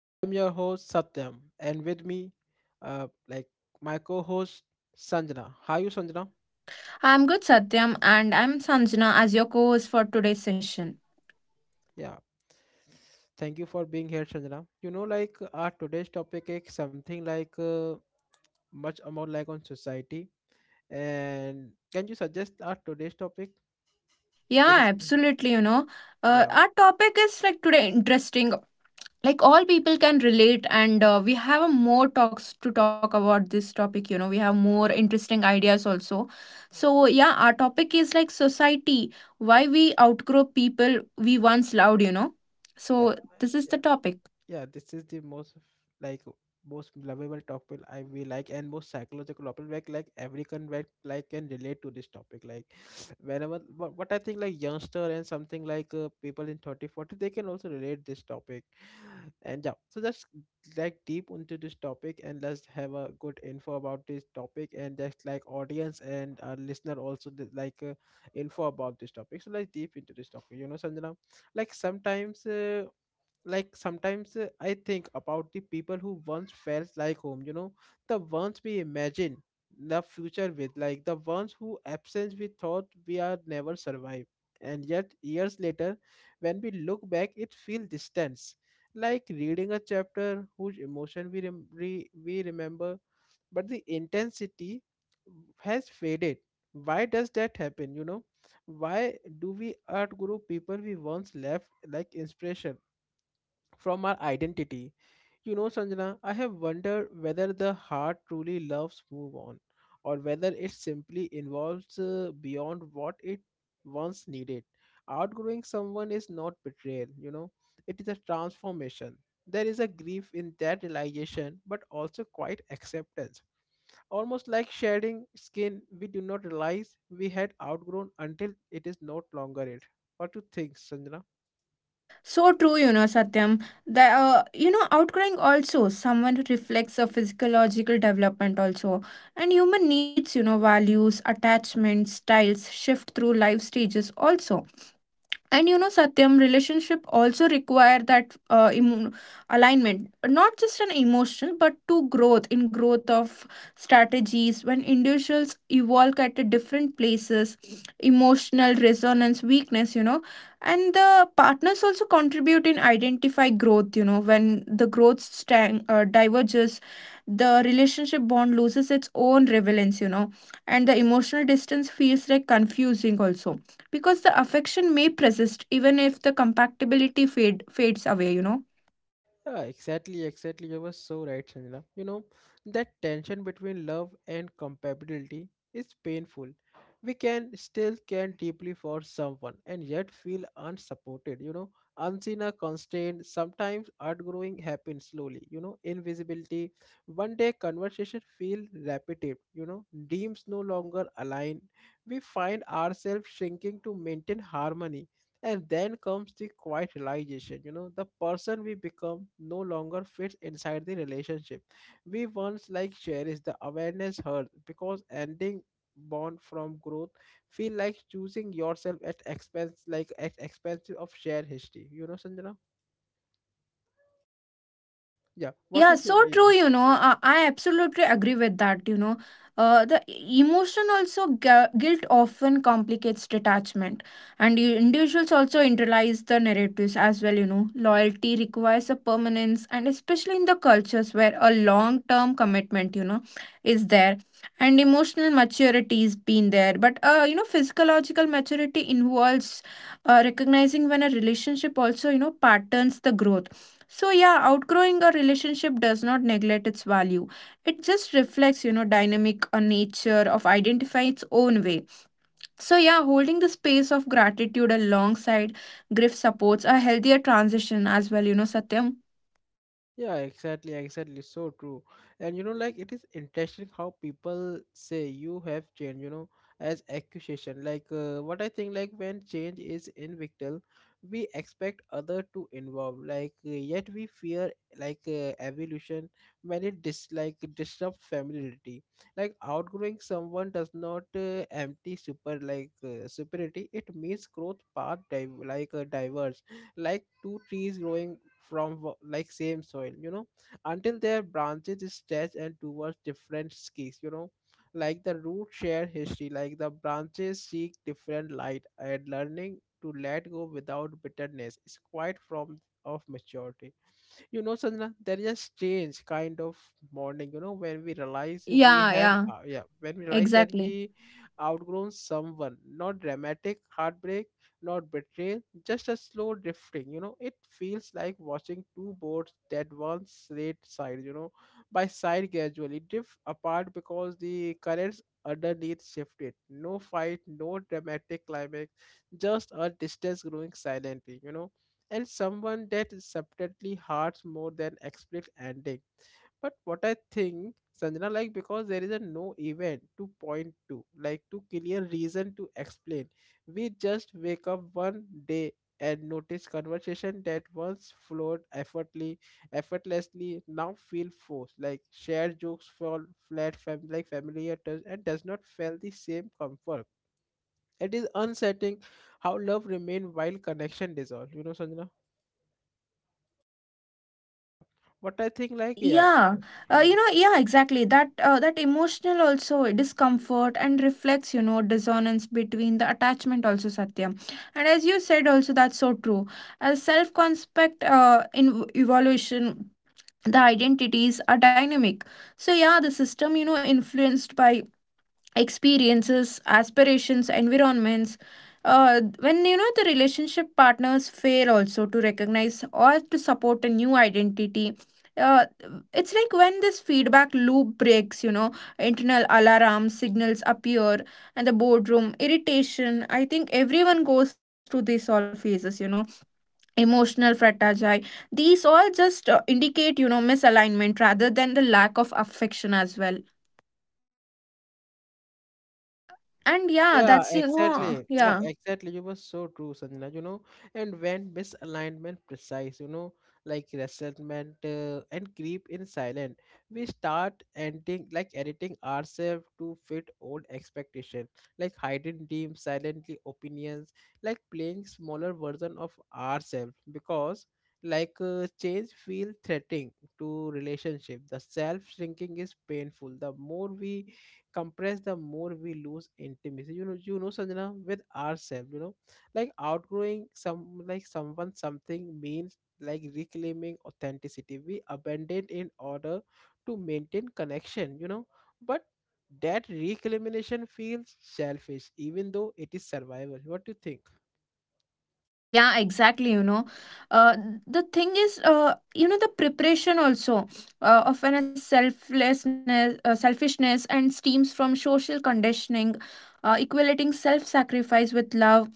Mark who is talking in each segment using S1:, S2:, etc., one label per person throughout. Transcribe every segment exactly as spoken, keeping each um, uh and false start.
S1: I am your host Satyam, and with me, uh like, my co-host Sanjana. How you, Sanjana?
S2: I'm good, Satyam, and I'm Sanjana as your co host for today's session.
S1: Yeah. Thank you for being here, Sanjana. You know, like, our today's topic is something like, uh, much more like on society, and can you suggest our today's topic? It
S2: Yeah,
S1: is,
S2: absolutely. You know, uh,
S1: yeah.
S2: our topic is like today interesting. Like all people can relate, and uh, we have a more talks to talk about this topic. You know, we have more interesting ideas also. So, yeah, our topic is like society why we outgrow people we once loved, you know.
S1: Yeah.
S2: So, this is the topic.
S1: yeah this is the most, like, most lovable topic I we like, and most psychological topic, like like every convert, like like can relate to this topic, like whenever, what, what I think, like, youngster, and something like, uh, people in thirty forty, they can also relate this topic. And yeah, so just like deep into this topic, and let's have a good info about this topic, and just like audience and our listener also th- like, uh, info about this topic. So let's deep into this topic, you know, Sanjana, like sometimes, uh, like sometimes uh, I think about the people who once felt like home, you know, the ones we imagine the future with, like the ones who absence we thought we are never survive, and yet years later, when we look back, it feels distance, like reading a chapter whose emotion we rem- re- we remember, but the intensity has faded. Why does that happen, you know? Why do we outgrow people we once left, like inspiration from our identity? You know, Sanjana, I have wondered whether the heart truly loves move on, or whether it simply involves uh, beyond what it once needed. Outgrowing someone is not betrayal, you know, it is a transformation. There is a grief in that realization, but also quite acceptance. Almost like shedding skin, we do not realize we had outgrown until it is not longer it. What do you think, Sanjana?
S2: So true, you know, Satyam. The uh, you know outgrowing also someone reflects a physiological development also, and human needs, you know, values, attachments, styles shift through life stages also, and you know Satyam relationship also require that uh, emo- alignment not just an emotion but to growth in growth of strategies when individuals evolve at a different places, emotional resonance weakness, you know. And the partners also contribute in identify growth, you know, when the growth stang- uh, diverges the relationship bond loses its own relevance, you know, and the emotional distance feels like confusing also because the affection may persist even if the compatibility fade fades away, you know.
S1: Yeah, exactly, exactly. You were so right, Sanjana. You know, that tension between love and compatibility is painful. We can still care deeply for someone and yet feel unsupported, you know, unseen or constrained. Sometimes outgrowing happens slowly, you know, invisibility. One day conversation feel repetitive, you know, dreams no longer align. We find ourselves shrinking to maintain harmony, and then comes the quiet realization, you know, the person we become no longer fits inside the relationship. We once like cherish the awareness hurt, because ending bond from growth feel like choosing yourself at expense, like at expense of shared history, you know, Sanjana. Yeah,
S2: Y-
S1: what
S2: Yeah,
S1: do you
S2: so
S1: think?
S2: true,
S1: Yeah.
S2: you know. Uh, I absolutely agree with that, you know. Uh, the e- emotion also gu- guilt often complicates detachment, and you, individuals also internalize the narratives as well, you know, loyalty requires a permanence and especially in the cultures where a long term commitment, you know, is there and emotional maturity is been there, but uh, you know physiological maturity involves uh, recognizing when a relationship also you know patterns the growth. So, yeah, outgrowing a relationship does not neglect its value. It just reflects, you know, dynamic uh, nature of identifying its own way. So, yeah, holding the space of gratitude alongside grief supports a healthier transition as well, you know, Satyam.
S1: Yeah, exactly, exactly. So true. And you know, like it is interesting how people say you have changed, you know, as accusation. Like, uh, what I think, like when change is inevitable, we expect other to involve. Like, uh, yet we fear, like uh, evolution when it dis like disrupt familiarity. Like outgrowing someone does not uh, empty super, like uh, superiority. It means growth path div- like uh, diverge, like two trees growing from wa- like same soil, you know, until their branches stretch and towards different skis, you know, like the root share history, like the branches seek different light, and learning to let go without bitterness is quite form of maturity. You know, Sanjana, there is a strange kind of morning, you know, when we realize we
S2: Yeah,
S1: have
S2: yeah,
S1: uh, yeah when we realize that
S2: exactly.
S1: we outgrown someone, not dramatic heartbreak, not betrayal, just a slow drifting, you know, it feels like watching two boats that once laid side, you know, by side, gradually drift apart because the currents underneath shifted, no fight, no dramatic climax, just a distance growing silently, you know, and someone that subtly hurts more than explicit ending. But what I think, Sanjana, like because there is a no event to point to, like to clear reason to explain. We just wake up one day and notice conversation that once flowed effortlessly, effortlessly now feel forced, like shared jokes fall flat, fam- like familiar touch and does not feel the same comfort. It is unsettling how love remain while connection dissolve, you know, Sanjana. Yeah. But I think like, yeah,
S2: Yeah, uh,
S1: yeah.
S2: you know, yeah, exactly. That uh, that emotional also discomfort and reflects, you know, dissonance between the attachment also, Satya. And as you said, also that's so true. As self-concept uh, in evolution, the identities are dynamic. So yeah, the system, you know, influenced by experiences, aspirations, environments. Uh, when you know the relationship partners fail also to recognize or to support a new identity. Uh, it's like when this feedback loop breaks, you know, internal alarm signals appear and the boardroom irritation. I think everyone goes through these all phases, you know, emotional fratagi. These all just uh, indicate, you know, misalignment rather than the lack of affection as well. And yeah,
S1: Yeah,
S2: that's, you know,
S1: exactly. Yeah,
S2: yeah.
S1: exactly. You were so true, Sanjana. You know, and when misalignment precise, you know, like resentment uh, and creep in silent, we start ending, like editing ourselves to fit old expectation, like hiding deep silently opinions, like playing smaller version of ourselves, because like uh, change feel threatening to relationship. The self shrinking is painful, the more we compress the more we lose intimacy, you know, you know Sanjana, with ourselves, you know, like outgrowing some like someone something means like reclaiming authenticity we abandoned in order to maintain connection, you know, but that reclamation feels selfish even though it is survival. What do you think?
S2: Yeah, exactly. You know, uh, the thing is, uh, you know, the preparation also uh, often a selflessness, uh, selfishness, and stems from social conditioning, uh, equating self-sacrifice with love.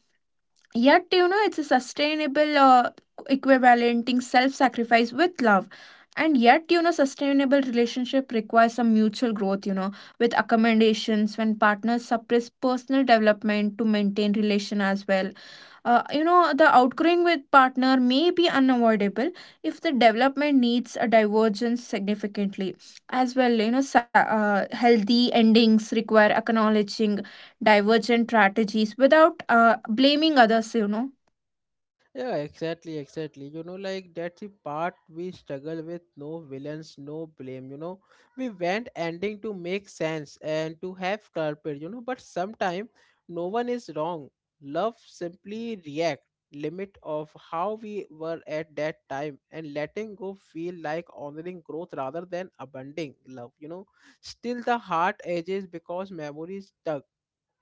S2: Yet, you know, it's a sustainable uh, equivalenting self-sacrifice with love. And yet, you know, sustainable relationship requires some mutual growth, you know, with accommodations when partners suppress personal development to maintain relation as well. Uh, you know, the outgrowing with partner may be unavoidable if the development needs a divergence significantly. As well, you know, sa- uh, healthy endings require acknowledging divergent strategies without uh, blaming others, you know.
S1: Yeah, exactly, exactly. You know, like that's the part we struggle with. No villains, no blame. You know, we want ending to make sense and to have culprit. You know, but sometimes no one is wrong. Love simply react limit of how we were at that time, and letting go feel like honoring growth rather than abandoning love, you know, still the heart ages, because memories tug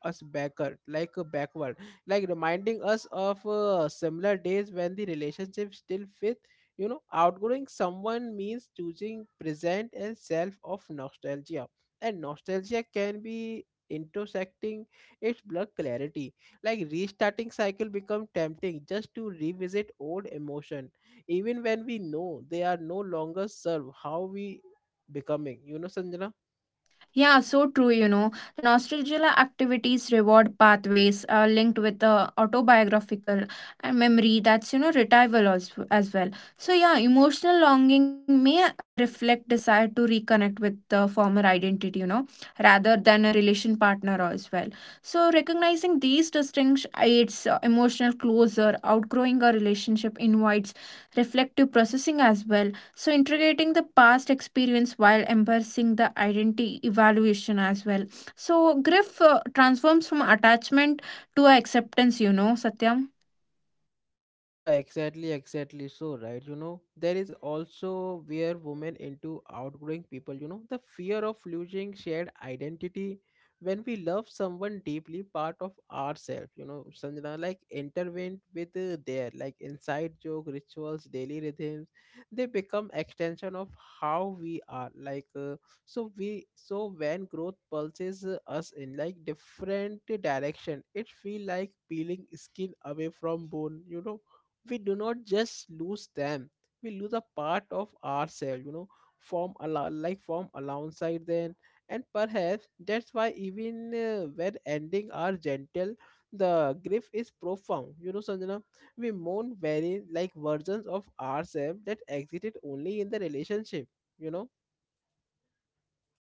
S1: us backward, like a backward, like reminding us of uh, similar days when the relationship still fit. You know, outgrowing someone means choosing present and self of nostalgia, and nostalgia can be intersecting its blood clarity, like restarting cycle become tempting just to revisit old emotion, even when we know they are no longer serve how we becoming, you know, Sanjana.
S2: Yeah, so true, you know. The nostalgia activities reward pathways uh, linked with the autobiographical and memory that's, you know, retrieval as, as well. So, yeah, emotional longing may reflect desire to reconnect with the former identity, you know, rather than a relation partner as well. So, recognizing these distinctions aids uh, emotional closure, outgrowing a relationship invites reflective processing as well, so, integrating the past experience while embracing the identity evaluation as well. So, grief uh, transforms from attachment to acceptance, you know, Satyam.
S1: Yeah, exactly, exactly. So, right, you know, there is also where women into outgrowing people, you know, the fear of losing shared identity. When we love someone deeply, part of ourselves, you know, Sanjana, like intervened with uh, their, like inside joke, rituals, daily rhythms, they become extension of how we are. Like, uh, so we, so when growth pulses uh, us in like different direction, it feel like peeling skin away from bone, you know, we do not just lose them, we lose a part of ourselves, you know, from al- like from alongside them. And perhaps that's why even uh, when ending are gentle, the grief is profound, you know, Sanjana, we mourn very like versions of ourselves that existed only in the relationship, you know.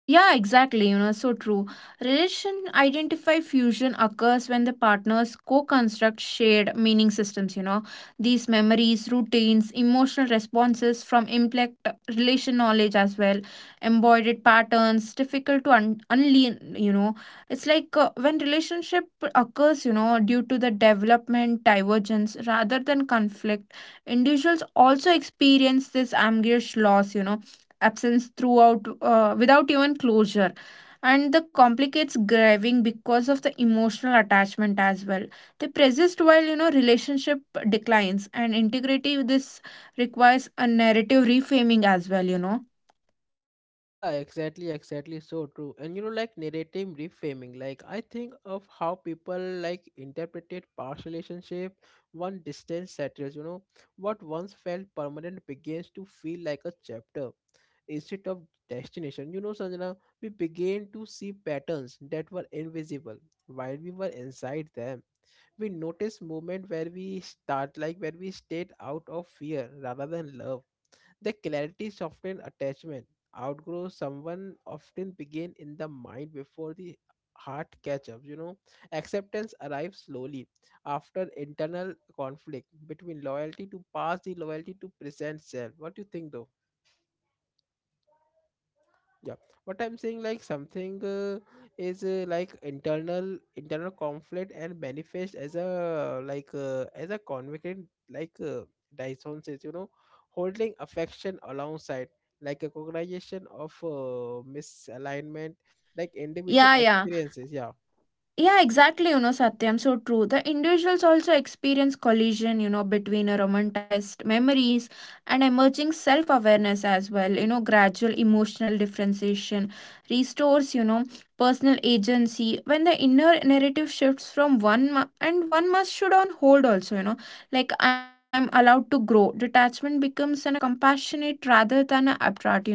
S2: Yeah, exactly. You know, so true. Relation identify fusion occurs when the partners co construct shared meaning systems. You know, these memories, routines, emotional responses from implied relation knowledge as well, embodied patterns, difficult to un- unlearn. You know, it's like uh, when relationship occurs, you know, due to the development divergence rather than conflict, individuals also experience this ambush loss, you know, absence throughout uh, without even closure, and the complicates grieving because of the emotional attachment as well, they persist while you know relationship declines and integrity this requires a narrative reframing as well, you know.
S1: Yeah, exactly, exactly. So true. And you know, like narrative reframing, like I think of how people like interpreted past relationship, one distance settles, you know, what once felt permanent begins to feel like a chapter instead of destination. You know, Sanjana, we began to see patterns that were invisible while we were inside them. We noticed moment where we start like where we stayed out of fear rather than love, the clarity soften attachment. Outgrow someone often begin in the mind before the heart catch up. You know, acceptance arrives slowly after internal conflict between loyalty to past, the loyalty to present self. What do you think, though? Yeah. What I'm saying, like something uh, is uh, like internal internal conflict and manifest as a like uh, as a convicted, like uh, dyson says, you know, holding affection alongside like a cognization of uh, misalignment, like individual
S2: Yeah, yeah.
S1: experiences, yeah.
S2: Yeah, exactly, you know, Satyam, so true. The individuals also experience collision, you know, between a romanticized memories and emerging self awareness as well. You know, gradual emotional differentiation restores, you know, personal agency when the inner narrative shifts from one mu- and one must should on hold also, you know, like I am allowed to grow. Detachment becomes an a compassionate rather than a abstract, you know.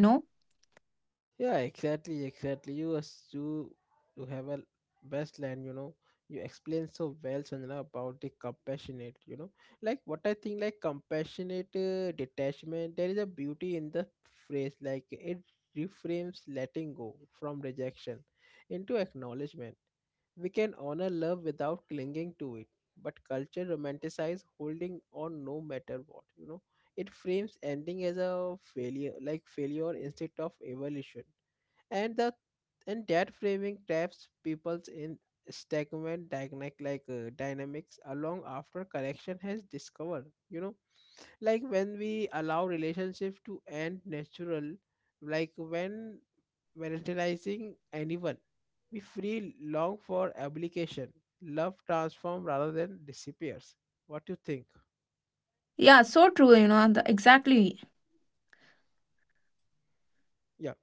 S1: Yeah, exactly, exactly. You as you you have a best line, you know. You explain so well, Sanjana, about the compassionate, you know. Like what I think, like compassionate uh, detachment. There is a beauty in the phrase, like it reframes letting go from rejection into acknowledgement. We can honor love without clinging to it, but culture romanticizes holding on no matter what, you know. It frames ending as a failure, like failure instead of evolution, and the and that framing traps people's in stagnant dynamic, like uh, dynamics along after correction has discovered, you know, like when we allow relationship to end natural, like when
S2: Yeah.
S1: volatilizing anyone, we free long for obligation, love transform rather than disappears. What do you think?
S2: Yeah, so true, you know, the, exactly.
S1: Yeah,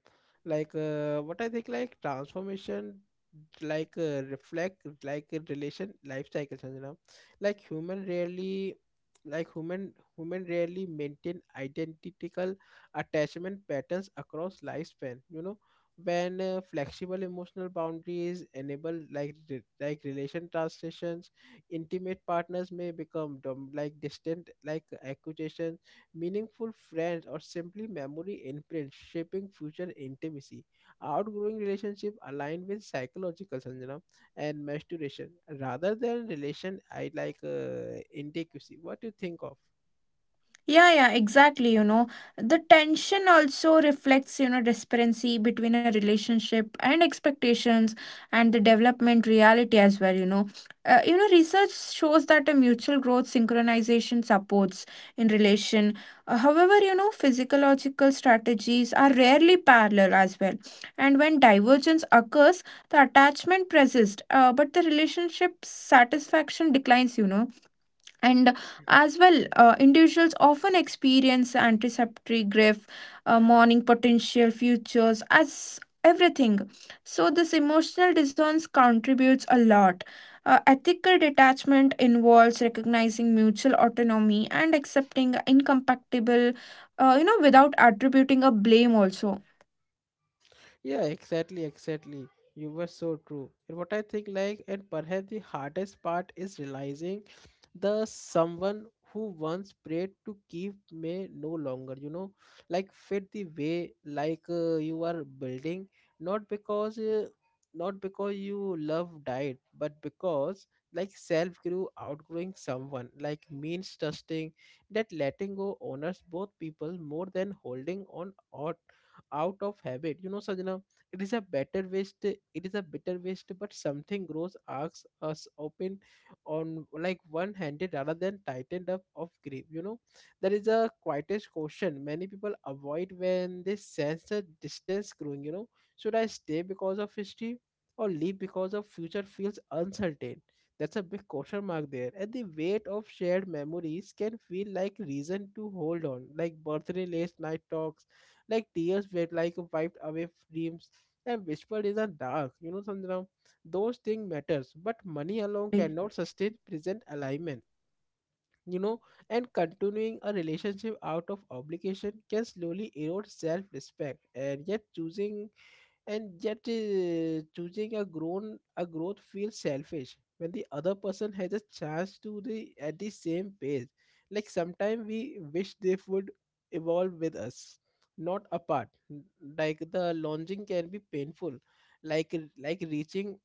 S1: like uh, what I think, like transformation, like uh, reflect like a relation life cycle, Sanjana. Like human rarely, like human human rarely maintain identical attachment patterns across lifespan, you know, when uh, flexible emotional boundaries enable like re- like relation transitions, intimate partners may become dom- like distant, like accusations, meaningful friends, or simply memory imprints shaping future intimacy. Outgrowing relationship aligned with psychological syndrome and maturation rather than relation I like uh, inadequacy. What do you think of?
S2: Yeah, yeah, exactly. You know, the tension also reflects, you know, disparity between a relationship and expectations and the development reality as well. You know, uh, you know, research shows that a mutual growth synchronization supports in relation. Uh, however, you know, physiological strategies are rarely parallel as well. And when divergence occurs, the attachment persists, uh, but the relationship satisfaction declines, you know, and as well uh, individuals often experience anticipatory grief, uh, mourning potential futures as everything, so this emotional dissonance contributes a lot. Uh, ethical detachment involves recognizing mutual autonomy and accepting incompatible, uh, you know, without attributing a blame also.
S1: Yeah, exactly, exactly. You were so true. And what I think, like, and perhaps the hardest part is realizing the someone who once prayed to keep may no longer, you know, like fit the way like uh, you are building, not because uh, not because you love died, but because like self grew outgrowing someone, like means trusting that letting go honors both people more than holding on or out of habit, you know, sajna. It is a better waste, it is a bitter waste, but something grows asks us open on, like one handed, rather than tightened up of grip. you know there is a quietest question many people avoid when they sense a distance growing you know Should I stay because of history, or leave because of future feels uncertain? That's a big question mark there, and the weight of shared memories can feel like reason to hold on, like birthday late night talks, like tears wet, like wiped away dreams and whispered in the dark. You know, Sandra, those things matters,
S2: Yeah,
S1: but
S2: yeah,
S1: money alone
S2: exactly.
S1: cannot sustain present alignment. You know, and continuing a relationship out of obligation can slowly erode self-respect. And yet choosing and yet uh, choosing a grown a growth feels selfish when the other person has a chance to the at the same pace. Like sometimes we wish they would evolve with us, not apart. Like the launching can be painful, like like reaching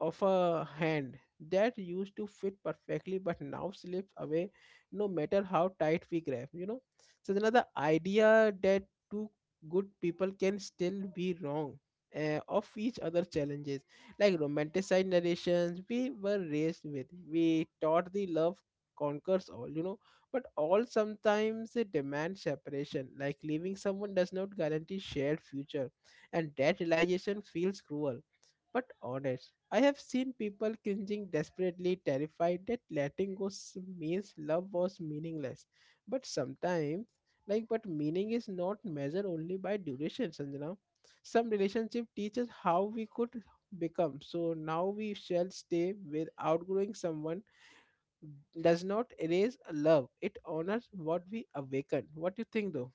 S1: of a hand that used to fit perfectly but now slips away no matter how tight we grab you know So another idea that two good people can still be wrong uh, of each other challenges, like romanticized narrations we were raised with, we taught the love conquers all you know But all sometimes it demands separation, like leaving someone does not guarantee shared future, and that realization feels cruel but honest. I have seen people cringing desperately, terrified that letting go s- means love was meaningless. But sometimes, like, but meaning is not measured only by duration, Sanjana. Some relationship teaches how we could become. So now we shall stay with outgrowing someone does not erase a love. It honors what we awaken. What do you think, though?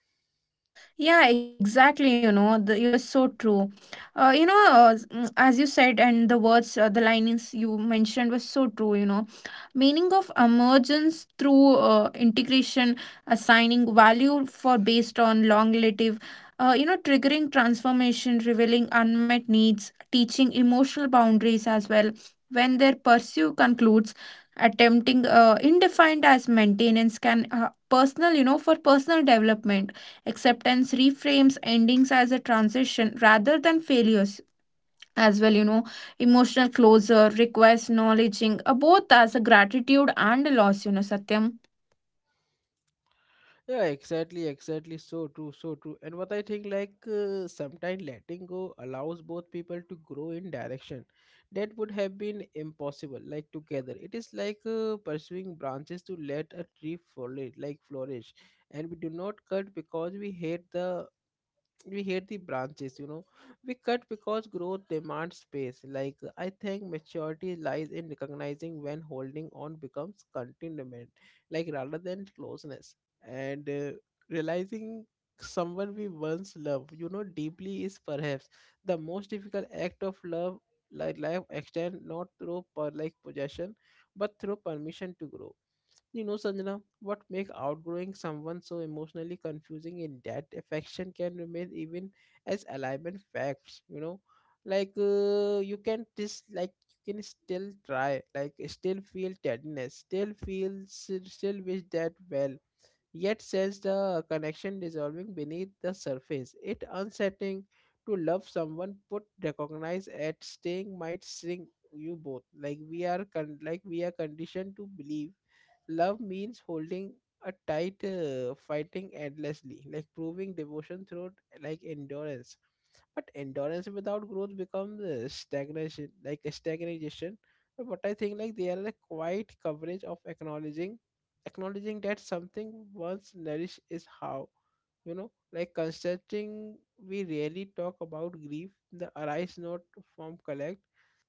S2: Yeah, exactly. You know, the, you're so true. Uh, you know, uh, s- mm, as you said, and the words, uh, the linings you mentioned was so true. You know, meaning of emergence through uh, integration, assigning value for based on long relative, uh, you know, triggering transformation, revealing unmet needs, teaching emotional boundaries as well. When their pursuit concludes, attempting uh, indefined as maintenance can uh, personal, you know, for personal development. Acceptance reframes endings as a transition rather than failures. As well, you know, emotional closure requires acknowledging uh, both as a gratitude and a loss, you know, Satyam.
S1: Yeah, exactly, exactly. So true, so true. And what I think, like, uh, sometimes letting go allows both people to grow in direction that would have been impossible, like, together. It is like uh, pursuing branches to let a tree flourish, like, flourish. And we do not cut because we hate the we hate the branches. You know we cut because growth demands space. Like I think maturity lies in recognizing when holding on becomes containment, like rather than closeness, and uh, realizing someone we once loved, you know, deeply is perhaps the most difficult act of love. Like life extend not through per like possession, but through permission to grow. You know, Sanjana, what makes outgrowing someone so emotionally confusing in that affection can remain even as alignment facts, you know. Like uh, you can just like you can still try, like still feel tenderness, still feel s- still wish that well, yet says the connection dissolving beneath the surface. It unsettling to love someone put recognize at staying might shrink you both. Like we are con- like we are conditioned to believe love means holding a tight uh, fighting endlessly, like proving devotion through like endurance. But endurance without growth becomes uh, stagnation, like a stagnation. But what I think, like, they are a quiet coverage of acknowledging acknowledging that something once nourished is how, you know, like considering we rarely talk about grief, the arise not from collect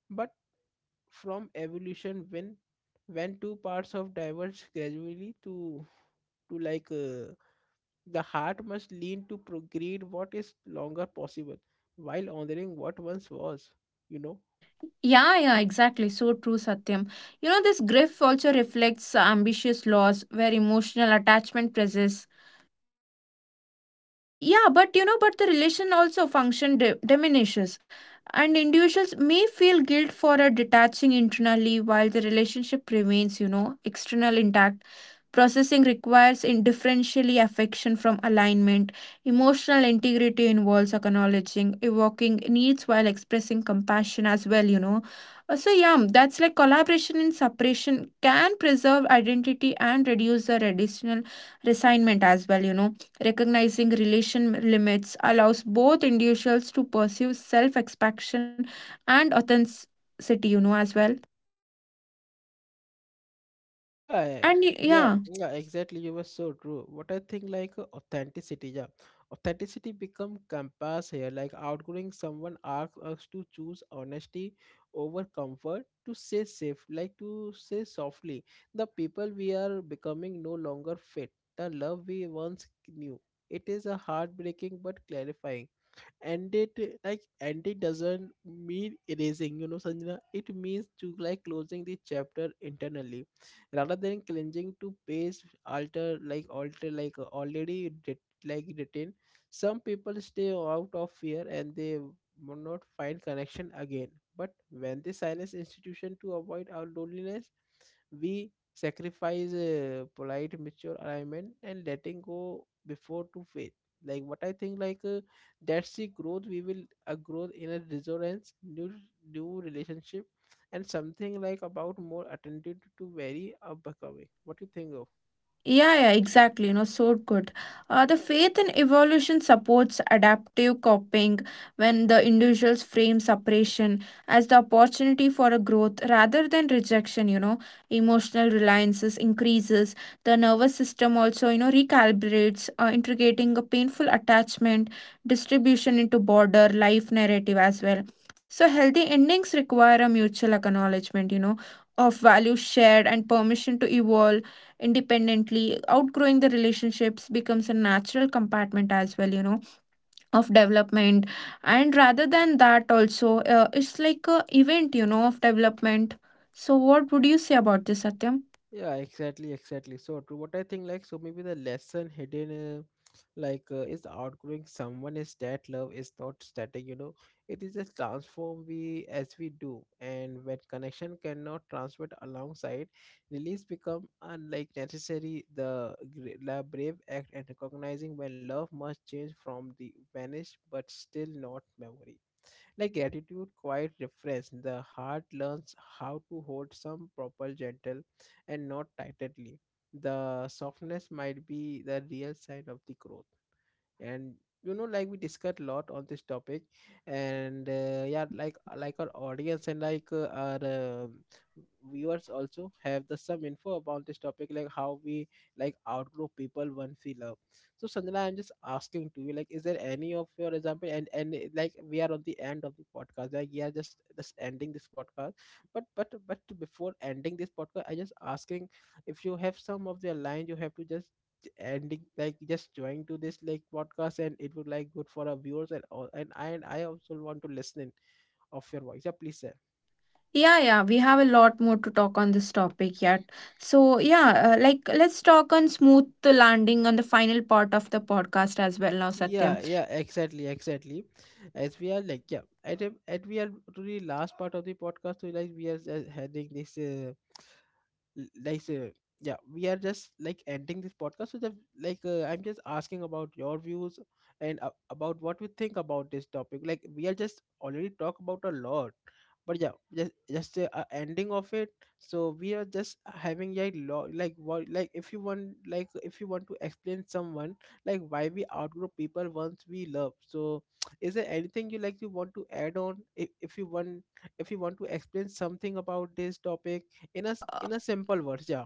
S1: but from evolution when when two parts of diverge gradually to to like uh, the heart must lean to procreate what is longer possible while honoring what once was, you know.
S2: Yeah, yeah, exactly. So true, Satyam. You know, this grief also reflects ambitious loss where emotional attachment presses. Uh, yeah, but you know, but the relation also function di- diminishes, and individuals may feel guilt for a detaching internally while the relationship remains, you know, external intact. Processing requires in differentially affection from alignment. Emotional integrity involves acknowledging, evoking needs while expressing compassion as well, you know. Uh, So, yeah, um, that's like collaboration in separation can preserve identity and reduce the additional resignment as well, you know. Recognizing relation limits allows both individuals to pursue self expansion and authenticity, you know, as well.
S1: Yeah, yeah,
S2: And y-
S1: yeah,
S2: yeah.
S1: yeah, exactly. You were so true. What I think, like uh, authenticity, yeah, authenticity become compass here. Like outgoing someone asks us to choose honesty over comfort, to say safe, like to say softly, the people we are becoming no longer fit the love we once knew. It is a heartbreaking but clarifying, and it uh, like and it doesn't mean erasing, you know, Sanjana. It means to like closing the chapter internally rather than clinging to page alter, like alter like uh, already writ- like written. Some people stay out of fear and they will not find connection again, but when they silence institution to avoid our loneliness, we sacrifice uh, polite mature alignment and letting go before to faith. Like what I think, like, uh, that's the growth we will a growth in a resonance, new new relationship, and something like about more attentive to very uh, becoming. What do you think of?
S2: Yeah, yeah, exactly. You know, so good. Uh, the faith in evolution supports adaptive coping when the individuals frame separation as the opportunity for a growth rather than rejection. You know, emotional reliances increases. The nervous system also, you know, recalibrates, uh, integrating a painful attachment distribution into border life narrative as well. So healthy endings require a mutual acknowledgement. You know, of values shared and permission to evolve independently outgrowing the relationships becomes a natural compartment as well, you know, of development, and rather than that also uh, it's like a event, you know, of development. So what would you say about this, Satyam?
S1: Yeah, exactly, exactly. So true. What I think, like, so maybe the lesson hidden, uh, like, uh, is outgrowing someone is that love is not static. You know, it is a transform we as we do, and when connection cannot transfer it alongside, release become unlike necessary. The gra- la- brave act and recognizing when love must change from the vanish, but still not memory. Like gratitude, quite refresh. The heart learns how to hold some proper gentle and not tightly. The softness might be the real sign of the growth. And you know, like, we discussed a lot on this topic, and uh, yeah,
S2: Yeah,
S1: like like our audience and like uh, our um viewers also have the some info about this topic, like how we like outgrow people once we love. So Sanjana, I'm just asking to you, like, is there any of your example, and and uh, like we are on the end of the podcast. Like, yeah, just just ending this podcast, but but but before ending this podcast I just asking, if you have some of the line, you have to just ending like just join to this like podcast, and it would like good for our viewers and all, and I and I also want to listen of your voice. Yeah, please sir.
S2: yeah, yeah, we have a lot more to talk on this topic yet. So yeah, uh, like let's talk on smooth landing on the final part of the podcast as well now, Satyam.
S1: Yeah, yeah, exactly, exactly. As we are like, yeah, at a- at we are to the last part of the podcast. So like we are just heading this. Uh, l- like uh, yeah, we are just like ending this podcast so that like uh, I'm just asking about your views, and uh, about what we think about this topic. Like we are just already talk about a lot, but yeah, just just uh, uh, ending of it. So we are just having a lot, like what, like if you want, like if you want to explain someone like why we outgrow people once we love. So is there anything you like you want to add on, if, if you want, if you want to explain something about this
S2: yeah
S1: topic
S2: yeah
S1: in a
S2: uh,
S1: s- in a simple words, yeah.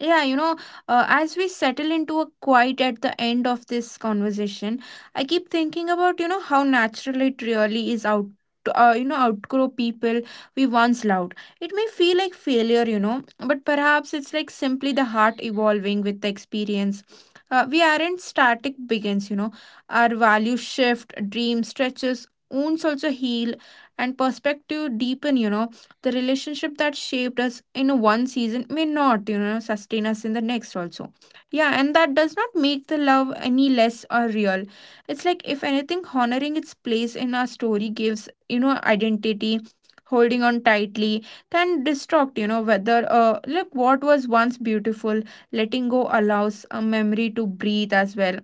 S2: Yeah, you know, uh, as we settle into a quiet at the end of this conversation, I keep thinking about, you know, how natural it really is out. To, Uh, you know, outgrow people we once loved. It may feel like failure, you know, but perhaps it's like simply the heart evolving with the experience. Uh, we aren't static begins, you know. Our values shift, dream stretches, wounds also heal, and perspective deepen, you know, the relationship that shaped us in one season may not you know sustain us in the next also. Yeah, and that does not make the love any less or real. It's like if anything honoring its place in our story gives you know identity holding on tightly can distort you know whether uh like what was once beautiful, letting go allows a memory to breathe as well.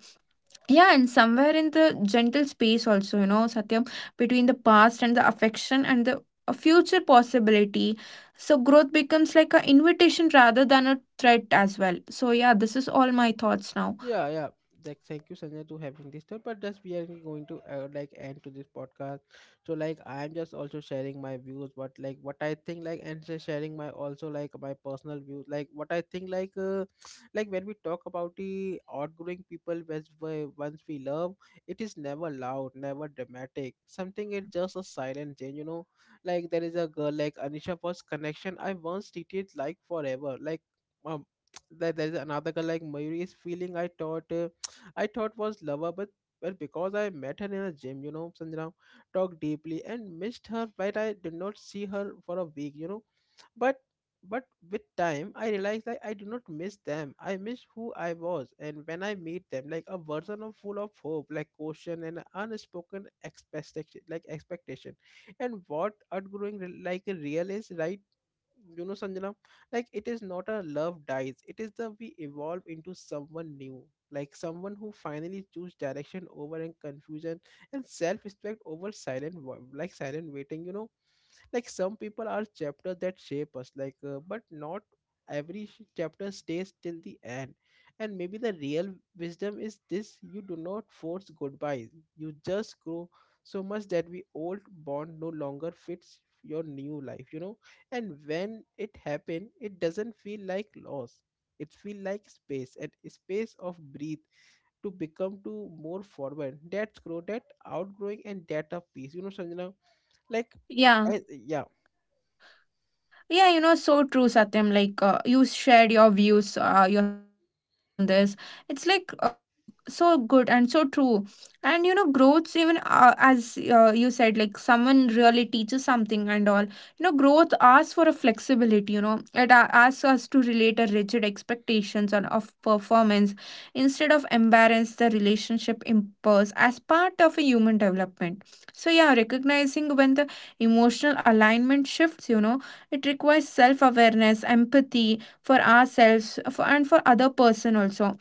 S2: Yeah, and somewhere in the gentle space also, you know, Satyam, between the past and the affection and the a future possibility. So growth becomes like an invitation rather than a threat as well. So yeah, this is all my thoughts now.
S1: Yeah, yeah, like thank you Sanjay, to having this talk, but just we are going to uh, like end to this podcast. So like I'm just also sharing my views, but like what I think, like, and just sharing my also like my personal views, like what I think, like uh, like when we talk about the outgrowing people which we once we love, it is never loud, never dramatic something.
S2: Yeah,
S1: It's just a silent change, you know. Like there is a girl like Anisha, first connection I once treated like forever, like um, there, there's another girl like Mayuri is feeling I thought uh, I thought was lover, but but because I met her in a gym, you know, Sanjana, talked deeply and missed her, but I did not see her for a week, you know. But but with time I realized that I do not miss them, I miss who I was, and when I meet them, like a version of full of hope, like caution and unspoken expectation, like expectation. And what outgrowing re- like a real is right, you know, Sanjana. Like it is not a love dies, it is the we evolve into someone new, like someone who finally choose direction over and confusion, and self-respect over silent wa- like silent waiting, you know. Like some people are chapters that shape us, like uh, but not every sh- chapter stays till the end. And maybe the real wisdom is this: you do not force goodbyes, you just grow so much that we old bond no longer fits your new life, you know. And when it happen, it doesn't feel like loss, it feel like space and space of breathe to become to more forward. That's grow, that outgrowing, and that of peace, you know, Sanjana. Like
S2: yeah.
S1: I, yeah.
S2: Yeah, you know, so true, Satyam. Like, uh, you shared your views, uh, your thoughts on this. It's like, uh, you know, so good and so true. And, you know, growths, even uh, as uh, you said, like, someone really teaches something and all. You know, growth asks for a flexibility, you know, it a- asks us to relate a rigid expectations on, of performance instead of embarrass the relationship impose as part of a human development. So, yeah, recognizing when the emotional alignment shifts, you know, it requires self awareness empathy for ourselves for, and for other person also.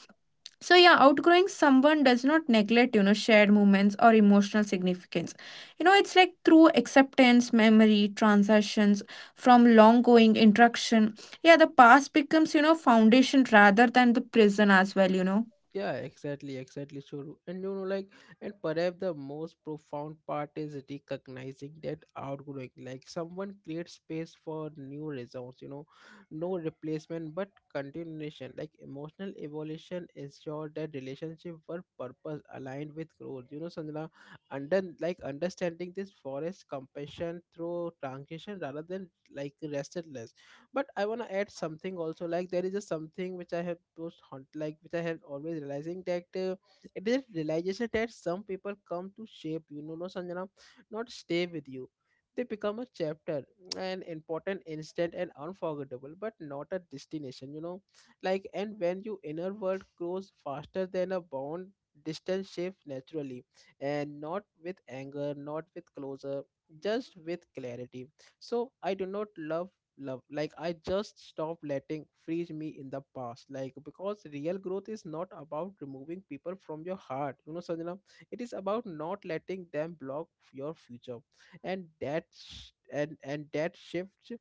S2: So yeah outgrowing someone does not neglect you know shared moments or emotional significance, you know, it's like through acceptance memory transactions from long going interaction. Yeah the past becomes you know foundation rather than the prison as well, you know.
S1: Yeah, exactly, exactly, Shuru. And you know, like, and perhaps the most profound part is recognizing that outgrowing like someone creates space for new results, you know, no replacement but continuation, like emotional evolution ensure that relationship were purpose aligned with growth, you know, Sanjana. Under like understanding this forest compassion through transition rather than like restlessness. But I want to add something also, like there is a something which I have most haunt, like which I have always realizing that uh, it is realization that some people come to shape, you know, no Sanjana, not stay with you. They become a chapter, an important instant and unforgettable, but not a destination, you know. Like and when your inner world grows faster than a bond, distance shapes naturally, and not with anger, not with closure, just with clarity. So I do not love love, like I just stop letting freeze me in the past. Like because real growth is not about removing people from your heart, you know, Sanjana, it is about not letting them block your future. And that sh- and and that shift,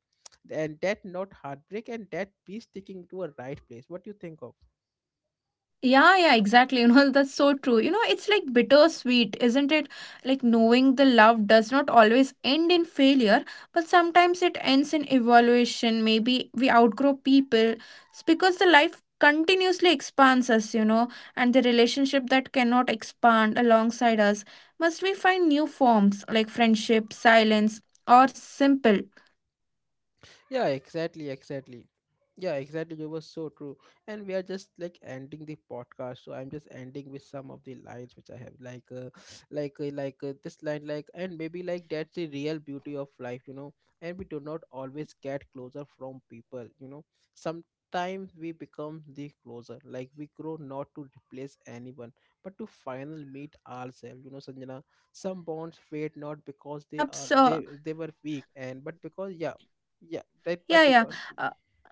S1: and that not heartbreak, and that be sticking to a right place. What do you think of?
S2: Yeah, yeah, exactly. You know, that's so true. You know, it's like bittersweet, isn't it? Like knowing the love does not always end in failure, but sometimes it ends in evolution. Maybe we outgrow people. It's because the life continuously expands us, you know, and the relationship that cannot expand alongside us must we find new forms like friendship, silence, or simple.
S1: Yeah, exactly, exactly. Yeah, exactly. You were so true. And we are just like ending the podcast. So I'm just ending with some of the lines which I have, like uh, like uh, like uh, this line like, and maybe like that's the real beauty of life, you know. And we do not always get closer from people, you know. Sometimes we become the closer. Like we grow not to replace anyone, but to finally meet ourselves, you know, Sanjana. Some bonds fade
S2: Yeah,
S1: not
S2: and you know,
S1: because they are
S2: perhaps uh,
S1: they they were weak and but because yeah. Yeah, that
S2: Yeah,
S1: but they
S2: yeah.
S1: got
S2: Uh,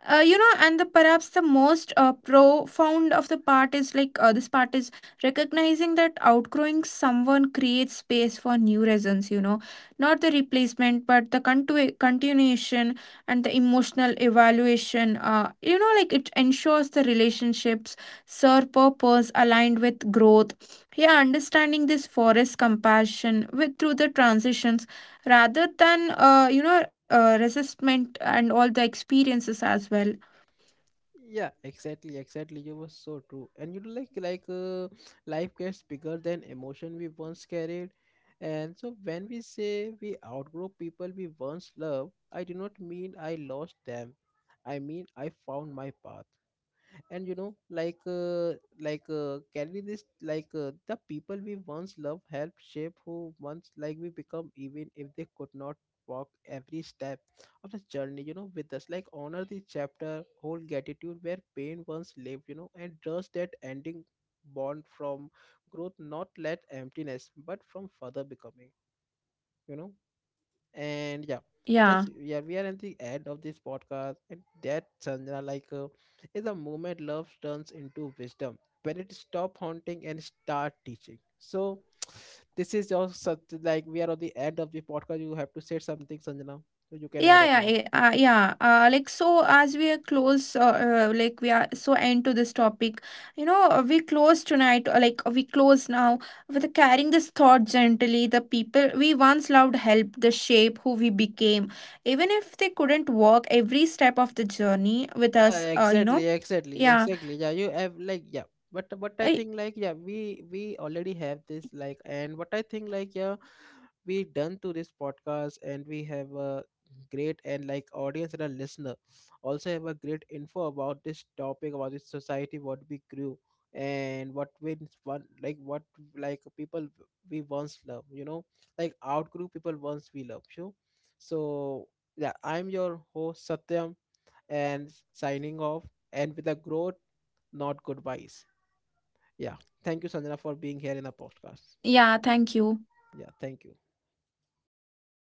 S2: uh, you know, and the perhaps the most uh, profound of the part is like uh, this part is recognizing that outgrowing someone creates space for new reasons, you know, not the replacement, but the contu- continuation and the emotional evaluation. Uh, you know, like it ensures the relationships serve purpose aligned with growth. Yeah, understanding this forest compassion with through the transitions rather than uh, you know uh, resistment and all the experiences as well.
S1: yeah, exactly, exactly. You were so true, and you know, like like uh, life gets bigger than emotion we once carried, and so when we say we outgrow people we once loved, I do not mean I lost them. I mean I found my path. And you know, like uh, like uh, carry this, like uh, the people we once loved helped shape who once like we become, even if they could not walk every step of the journey, you know, with us. Like honor the chapter, hold gratitude where pain once lived, you know, and trust that ending born from growth, not let emptiness but from further becoming, you know. And yeah, that's
S2: Yeah,
S1: yeah, we are at the end of this podcast, and that Sanjana, like uh, is a moment love turns into wisdom when it
S2: yeah,
S1: stop haunting and start teaching. So this is your such, like we are at the end of the podcast, you have to say something, Sanjana, so you can add
S2: yeah.
S1: it now.
S2: Yeah eh, uh, yeah, uh, like so as we are close, uh, uh, like we are so end to this topic, you know, uh, we close tonight, uh, like we close now with carrying this thought gently the people we once loved helped the shape who we became even if they couldn't walk every step of the journey with
S1: Yeah,
S2: us, uh, you
S1: exactly,
S2: know.
S1: exactly,
S2: Yeah,
S1: exactly, yeah, you have, like, yeah. But but I
S2: I,
S1: think, like, yeah, we we already have this, like, and what I think, like, yeah, we done to this podcast and we have a great and like audience and a listener also have a great info about this topic, about this society what we grew and what we one, like what like people we once love, you know, like outgrew people once we love you. So yeah, I'm your host Satyam, and signing off, and with a growth, not goodbyes. Yeah. Thank you, Sanjana, for being here in the podcast.
S2: yeah, thank you.
S1: Yeah. Thank you.